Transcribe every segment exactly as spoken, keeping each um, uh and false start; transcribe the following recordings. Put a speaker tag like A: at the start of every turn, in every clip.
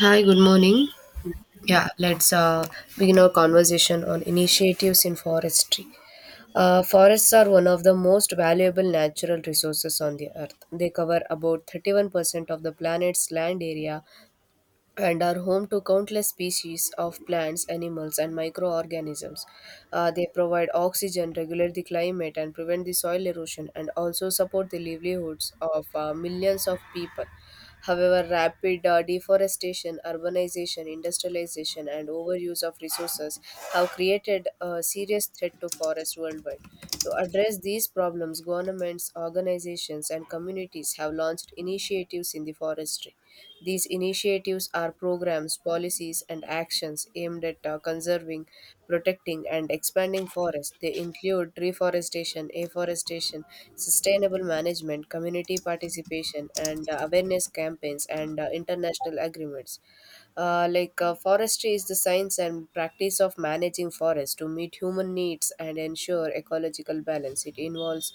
A: Hi, good morning. Yeah, let's uh, begin our conversation on initiatives in forestry. Uh, forests are one of the most valuable natural resources on the earth. They cover about thirty-one percent of the planet's land area and are home to countless species of plants, animals, and microorganisms. Uh, they provide oxygen, regulate the climate, and prevent the soil erosion, and also support the livelihoods of uh, millions of people. However, rapid uh, deforestation, urbanization, industrialization, and overuse of resources have created a serious threat to forests worldwide. To address these problems, governments, organizations, and communities have launched initiatives in the forestry. These initiatives are programs, policies, and actions aimed at uh, conserving, protecting, and expanding forests. They include reforestation, afforestation, sustainable management, community participation, and uh, awareness campaigns and uh, international agreements. Uh, like uh, forestry is the science and practice of managing forests to meet human needs and ensure ecological balance. It involves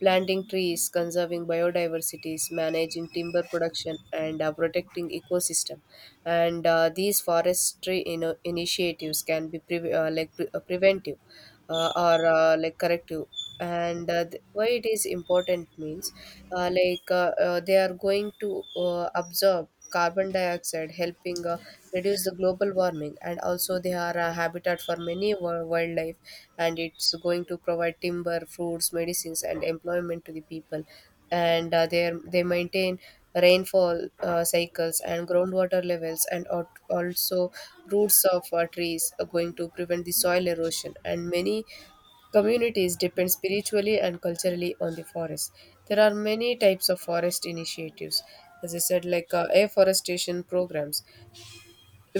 A: planting trees, conserving biodiversities, managing timber production, and uh, protecting ecosystem. And uh, these forestry you know, initiatives can be pre- uh, like pre- uh, preventive uh, or uh, like corrective, and uh, th- why it is important means uh, like uh, uh, they are going to uh, absorb carbon dioxide, helping uh, reduce the global warming. And also they are a habitat for many wi- wildlife, and it's going to provide timber, fruits, medicines, and employment to the people. And uh, they they maintain rainfall uh, cycles and groundwater levels, and al- also roots of uh, trees are going to prevent the soil erosion. And many communities depend spiritually and culturally on the forest. There are many types of forest initiatives, as I said, like uh, afforestation programs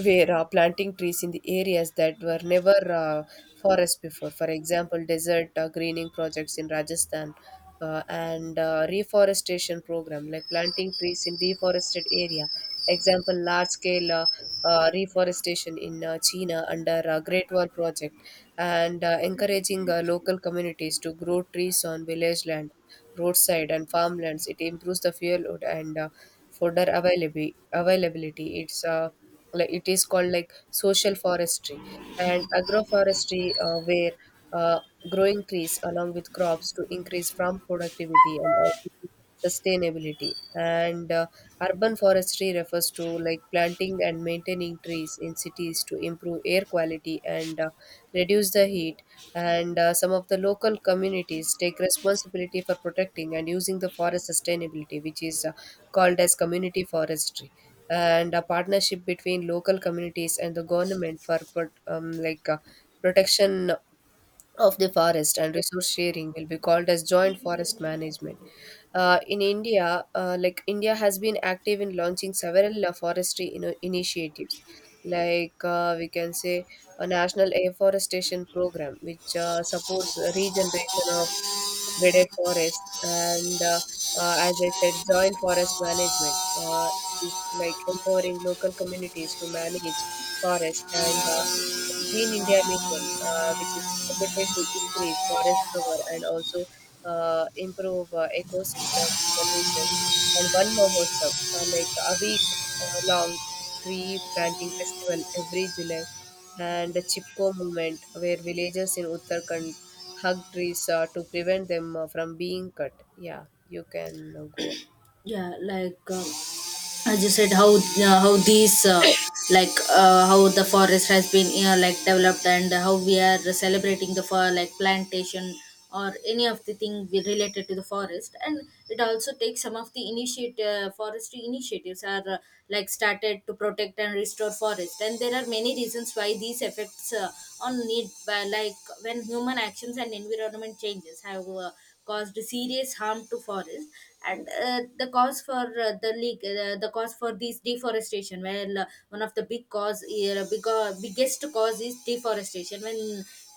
A: where uh, planting trees in the areas that were never uh, forests before. For example, desert uh, greening projects in Rajasthan, uh, and uh, reforestation program like planting trees in deforested area. Example, large scale uh, uh, reforestation in uh, China under uh, Great Wall project, and uh, encouraging uh, local communities to grow trees on village land, roadside and farmlands. It improves the fuel load and uh, fodder availability. Availability. It's uh, like it is called like social forestry and agroforestry, uh, where uh, growing trees along with crops to increase farm productivity and also sustainability. And uh, urban forestry refers to like planting and maintaining trees in cities to improve air quality and uh, reduce the heat. And uh, some of the local communities take responsibility for protecting and using the forest sustainability, which is uh, called as community forestry. And a partnership between local communities and the government for prot- um, like uh, protection of the forest and resource sharing will be called as joint forest management. Uh, in India, uh, like India has been active in launching several uh, forestry ino- initiatives, like uh, we can say a national afforestation program, which uh, supports the regeneration of degraded forest, and uh, uh, as I said, joint forest management uh, is like empowering local communities to manage forest. And uh, the Green India Mission, uh, which is targeted to increase forest cover and also uh, improve uh, ecosystem services. And one more Mahotsav, uh, like a week uh, long tree planting festival every July, and the Chipko movement, where villagers in Uttarakhand hug trees uh, to prevent them uh, from being cut. Yeah, you can uh, go.
B: Yeah, like uh, as you said, how uh, how these uh, like uh, how the forest has been uh, like developed and how we are celebrating the for like plantation or any of the thing we- related to the forest. And it also takes some of the initiate uh, forestry initiatives are uh, like started to protect and restore forest. And there are many reasons why these effects uh, on need by like when human actions and environment changes have uh, caused serious harm to forests. And uh, the cause for uh, the leak uh, the cause for this deforestation, well, uh, one of the big cause, uh, big, uh, biggest cause is deforestation, when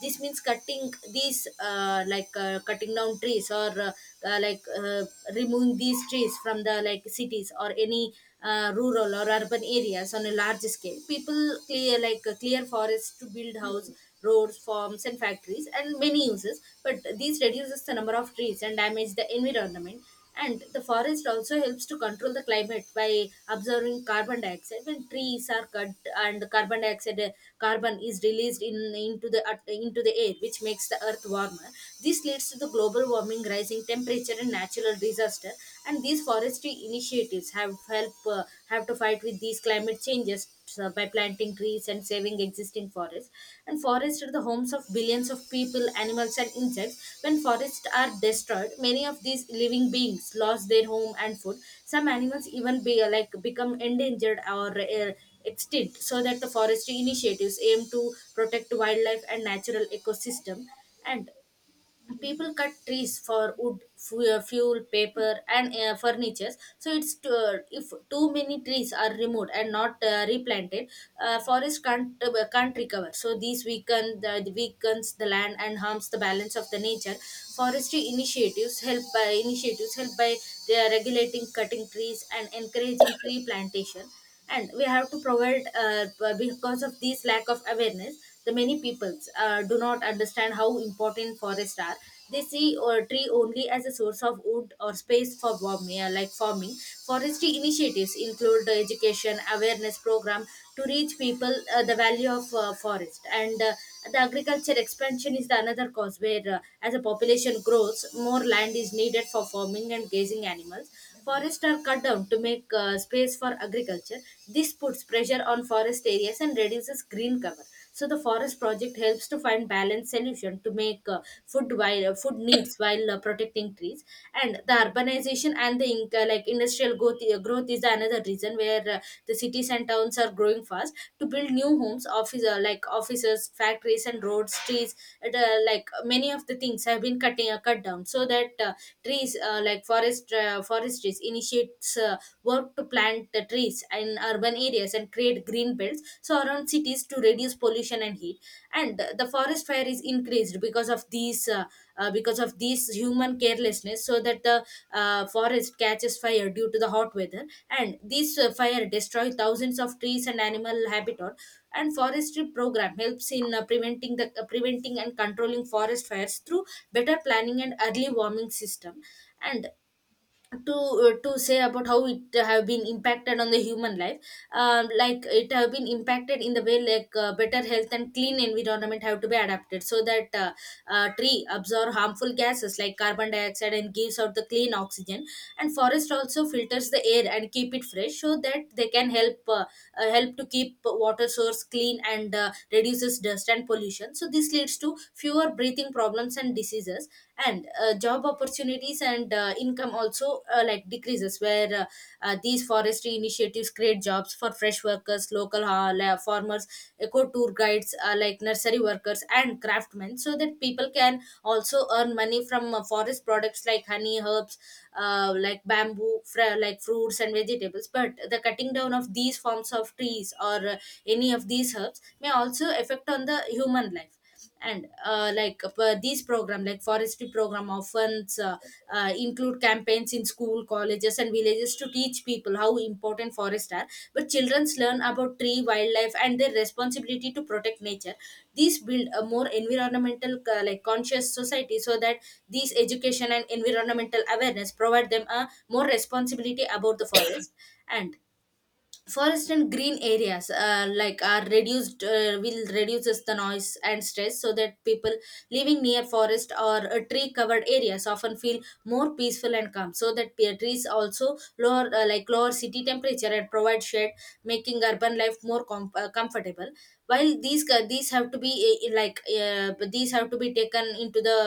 B: this means cutting these uh, like uh, cutting down trees, or uh, uh, like uh, removing these trees from the like cities or any uh, rural or urban areas on a large scale. People clear like uh, clear forests to build house, roads, farms, and factories, and many uses. But these reduces the number of trees and damage the environment. And the forest also helps to control the climate by absorbing carbon dioxide. When trees are cut and carbon dioxide, uh, carbon is released in into the at- into the air, which makes the earth warmer. This leads to the global warming, rising temperature, and natural disaster. And these forestry initiatives have help uh, have to fight with these climate changes uh, by planting trees and saving existing forests. And forests are the homes of billions of people, animals, and insects. When forests are destroyed, many of these living beings lost their home and food. Some animals even be uh, like become endangered or uh, extinct. So that the forestry initiatives aim to protect wildlife and natural ecosystem. And people cut trees for wood fu- uh, fuel, paper, and uh, furniture. So it's too, if too many trees are removed and not uh, replanted, uh, forest can't uh, can't recover. So these weaken the weakens the land and harms the balance of the nature. Forestry initiatives help by Initiatives help by they are regulating cutting trees and encouraging tree plantation. And we have to provide uh, b- because of this lack of awareness, the many peoples uh, do not understand how important forests are. They see a tree only as a source of wood or space for warming, uh, like farming. Forestry initiatives include the education awareness program to reach people uh, the value of uh, forest, and uh, the agriculture expansion is the another cause, where, uh, as the population grows, more land is needed for farming and grazing animals. Forests are cut down to make uh, space for agriculture. This puts pressure on forest areas and reduces green cover. So the forest project helps to find balanced solution to make uh, food while uh, food needs while uh, protecting trees. And the urbanization and the in- uh, like industrial growth, uh, growth is another reason, where uh, the cities and towns are growing fast to build new homes, office uh, like offices, factories, and roads, trees. It, uh, like many of the things have been cutting uh, cut down, so that uh, trees uh, like forest uh, forest trees initiates uh, work to plant the trees, streets and urban areas, and create green belts surround cities to reduce pollution and heat. And the forest fire is increased because of these uh, uh, because of these human carelessness, so that the uh, forest catches fire due to the hot weather. And this uh, fire destroy thousands of trees and animal habitat. And forestry program helps in uh, preventing the uh, preventing and controlling forest fires through better planning and early warming system. And to uh, to say about how it have been impacted on the human life, um, like it have been impacted in the way like uh, better health and clean environment have to be adapted, so that uh, uh, tree absorb harmful gases like carbon dioxide and gives out the clean oxygen. And forest also filters the air and keep it fresh, so that they can help uh, uh, help to keep water source clean and uh, reduces dust and pollution. So this leads to fewer breathing problems and infections and diseases. And uh, job opportunities and uh, income also uh, like decreases, where uh, uh, these forestry initiatives create jobs for fresh workers, local ha- la- farmers, eco tour guides, uh, like nursery workers and craftsmen. So that people can also earn money from uh, forest products like honey, herbs, uh, like bamboo, fr- like fruits and vegetables. But the cutting down of these forms of trees or uh, any of these herbs may also affect on the human life. And uh, like uh, these program like forestry program often uh, uh, include campaigns in school, colleges, and villages to teach people how important forests are. But children learn about tree, wildlife, and their responsibility to protect nature. These build a more environmental uh, like conscious society, so that these education and environmental awareness provide them a more responsibility about the forest. And forest and green areas uh, like are reduced uh, will reduces the noise and stress, so that people living near forest or uh, tree covered areas often feel more peaceful and calm. So that pear trees also lower uh, like lower city temperature and provide shade, making urban life more com- uh, comfortable. While these ca- these have to be uh, like uh, But these have to be taken into the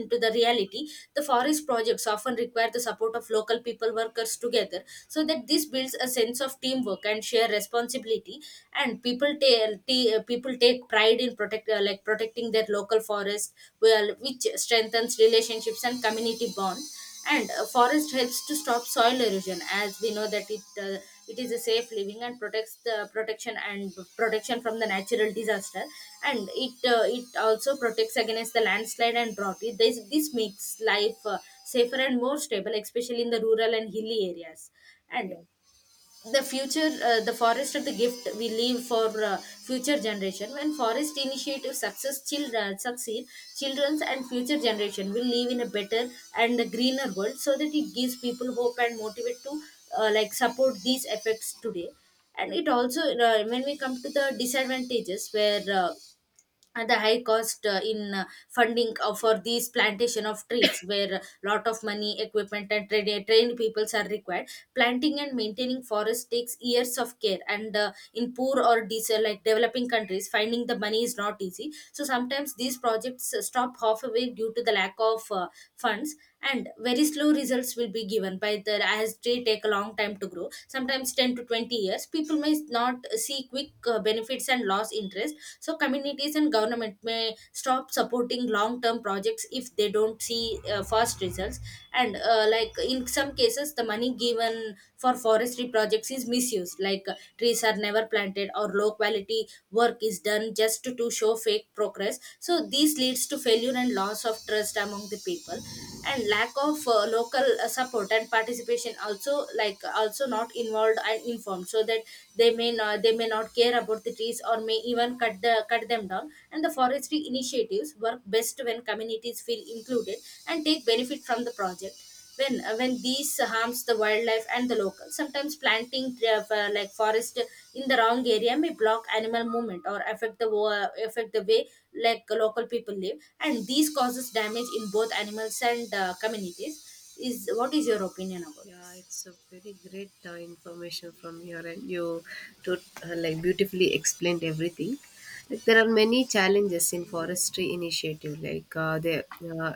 B: into the reality. The forest projects often require the support of local people workers together, so that this builds a sense sense of teamwork and share responsibility. And people ta- t- uh, people take pride in protect uh, like protecting their local forest, well, which strengthens relationships and community bond. And uh, forest helps to stop soil erosion, as we know that it uh, it is a safe living and protects the protection and protection from the natural disaster. And it uh, it also protects against the landslide and drought. It, this, this makes life uh, safer and more stable, especially in the rural and hilly areas. And
A: Yeah.
B: the future uh, the forest are the gift we leave for uh, future generation. When forest initiative success, children succeed children's and future generation will live in a better and a greener world, so that it gives people hope and motivate to uh, like support these effects today. And it also uh, when we come to the disadvantages, where uh, and the high cost uh, in uh, funding uh, for these plantation of trees, where lot of money, equipment, and trained, trained peoples are required. Planting and maintaining forest takes years of care, and uh, in poor or dis- like developing countries, finding the money is not easy. So sometimes these projects uh, stop halfway due to the lack of uh, funds. And very slow results will be given by and by the as they take a long time to grow, sometimes ten to twenty years. People may not see quick uh, benefits and loss interest. So communities and government may stop supporting long term projects if they don't see uh, fast results. And uh, like in some cases the money given for forestry projects is misused, like uh, trees are never planted or low quality work is done just to, to show fake progress. So this leads to failure and loss of trust among the people. And lack of uh, local uh, support and participation also like also not involved and informed, so that they may not they may not care about the trees or may even cut the cut them down. And the forestry initiatives work best when communities feel included and take benefit from the project. When uh, when these harms the wildlife and the locals, sometimes planting uh, for- like forest in the wrong area may block animal movement or affect the wa- affect the way like local people live. And these causes damage in both animals and uh, communities. Is what is your opinion about this?
A: Yeah, it's a very great uh, information from here, and you to uh, like beautifully explained everything. Like there are many challenges in forestry initiative. Like uh, they uh,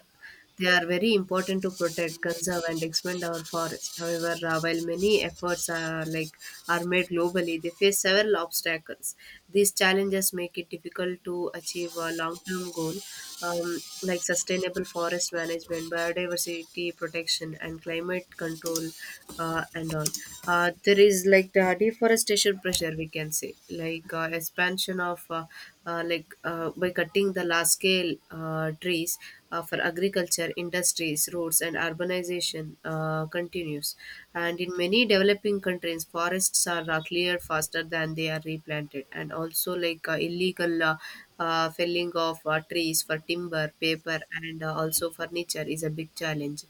A: they are very important to protect, conserve, and expand our forest. However, uh, while many efforts are like are made globally, they face several obstacles. These challenges make it difficult to achieve a long-term goal, um, like sustainable forest management, biodiversity protection, and climate control, uh, and all. Uh, there is like the deforestation pressure, we can say, like uh, expansion of uh, uh, like uh, by cutting the large scale uh, trees uh, for agriculture, industries, roads, and urbanization uh, continues. And in many developing countries, forests are uh, cleared faster than they are replanted, and also like uh, illegal uh, uh, felling felling of uh, trees for timber, paper, and uh, also furniture is a big challenge.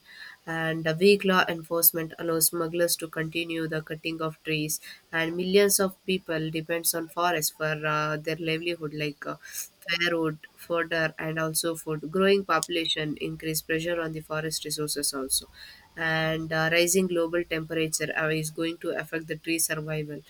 A: And uh, weak law enforcement allows smugglers to continue the cutting of trees, and millions of people depends on forests for uh, their livelihood, like uh, firewood, fodder, and also food. Growing population increase pressure on the forest resources also, and uh, rising global temperature uh, is going to affect the tree survival.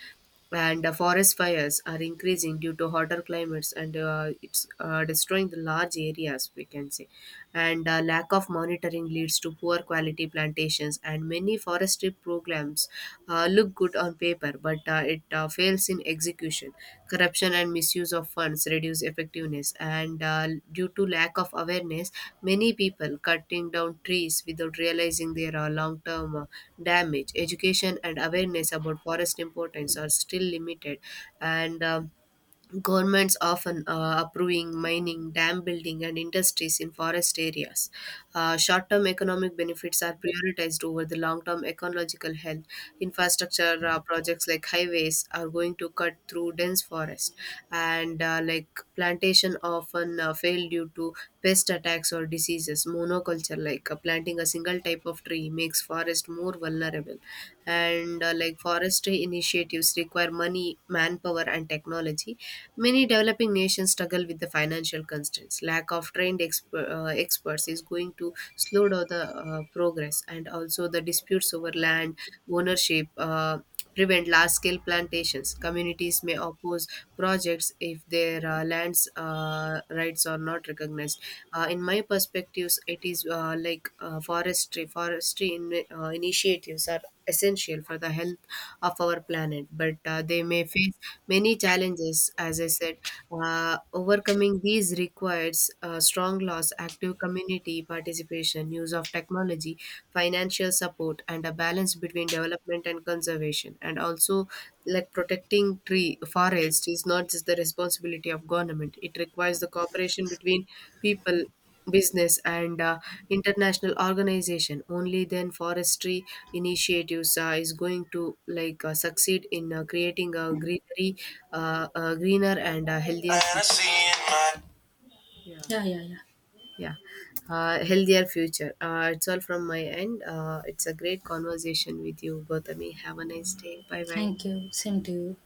A: And uh, forest fires are increasing due to hotter climates, and uh, it's uh, destroying the large areas, we can say. And uh, lack of monitoring leads to poor quality plantations, and many forestry programs uh, look good on paper but uh, it uh, fails in execution. Corruption and misuse of funds reduce effectiveness. And uh, due to lack of awareness, many people cutting down trees without realizing their uh, long term uh, damage. Education and awareness about forest importance are still limited. And um, governments often uh, approving mining, dam building, and industries in forest areas. Uh, short-term economic benefits are prioritized over the long-term ecological health. Infrastructure uh, projects like highways are going to cut through dense forest. And uh, like plantation often uh, fail due to pest attacks or diseases. Monoculture, like uh, planting a single type of tree, makes forest more vulnerable. And uh, like forestry initiatives require money, manpower, and technology. Many developing nations struggle with the financial constraints. Lack of trained exper- uh, experts is going to slow down the uh, progress, and also the disputes over land ownership. Uh, prevent large scale plantations. Communities may oppose projects if their uh, lands uh, rights are not recognized. Uh, in my perspectives, it is uh, like uh, forestry forestry in, uh, initiatives are essential for the health of our planet, but uh, they may face many challenges, as I said. Uh, overcoming these requires uh, strong laws, active community participation, use of technology, financial support, and a balance between development and conservation. And also, like, protecting tree forest is not just the responsibility of government. It requires the cooperation between people, business, and uh, international organization. Only then forestry initiatives uh, is going to like uh, succeed in uh, creating a greenery, uh, uh, greener and uh, healthier
B: And I
A: future.
B: see in my.
A: Yeah.
B: Yeah yeah yeah
A: Yeah, uh, healthier future. Uh, it's all from my end. Uh, it's a great conversation with you, Gautami. Have a nice day. Bye bye.
B: Thank you, same to you.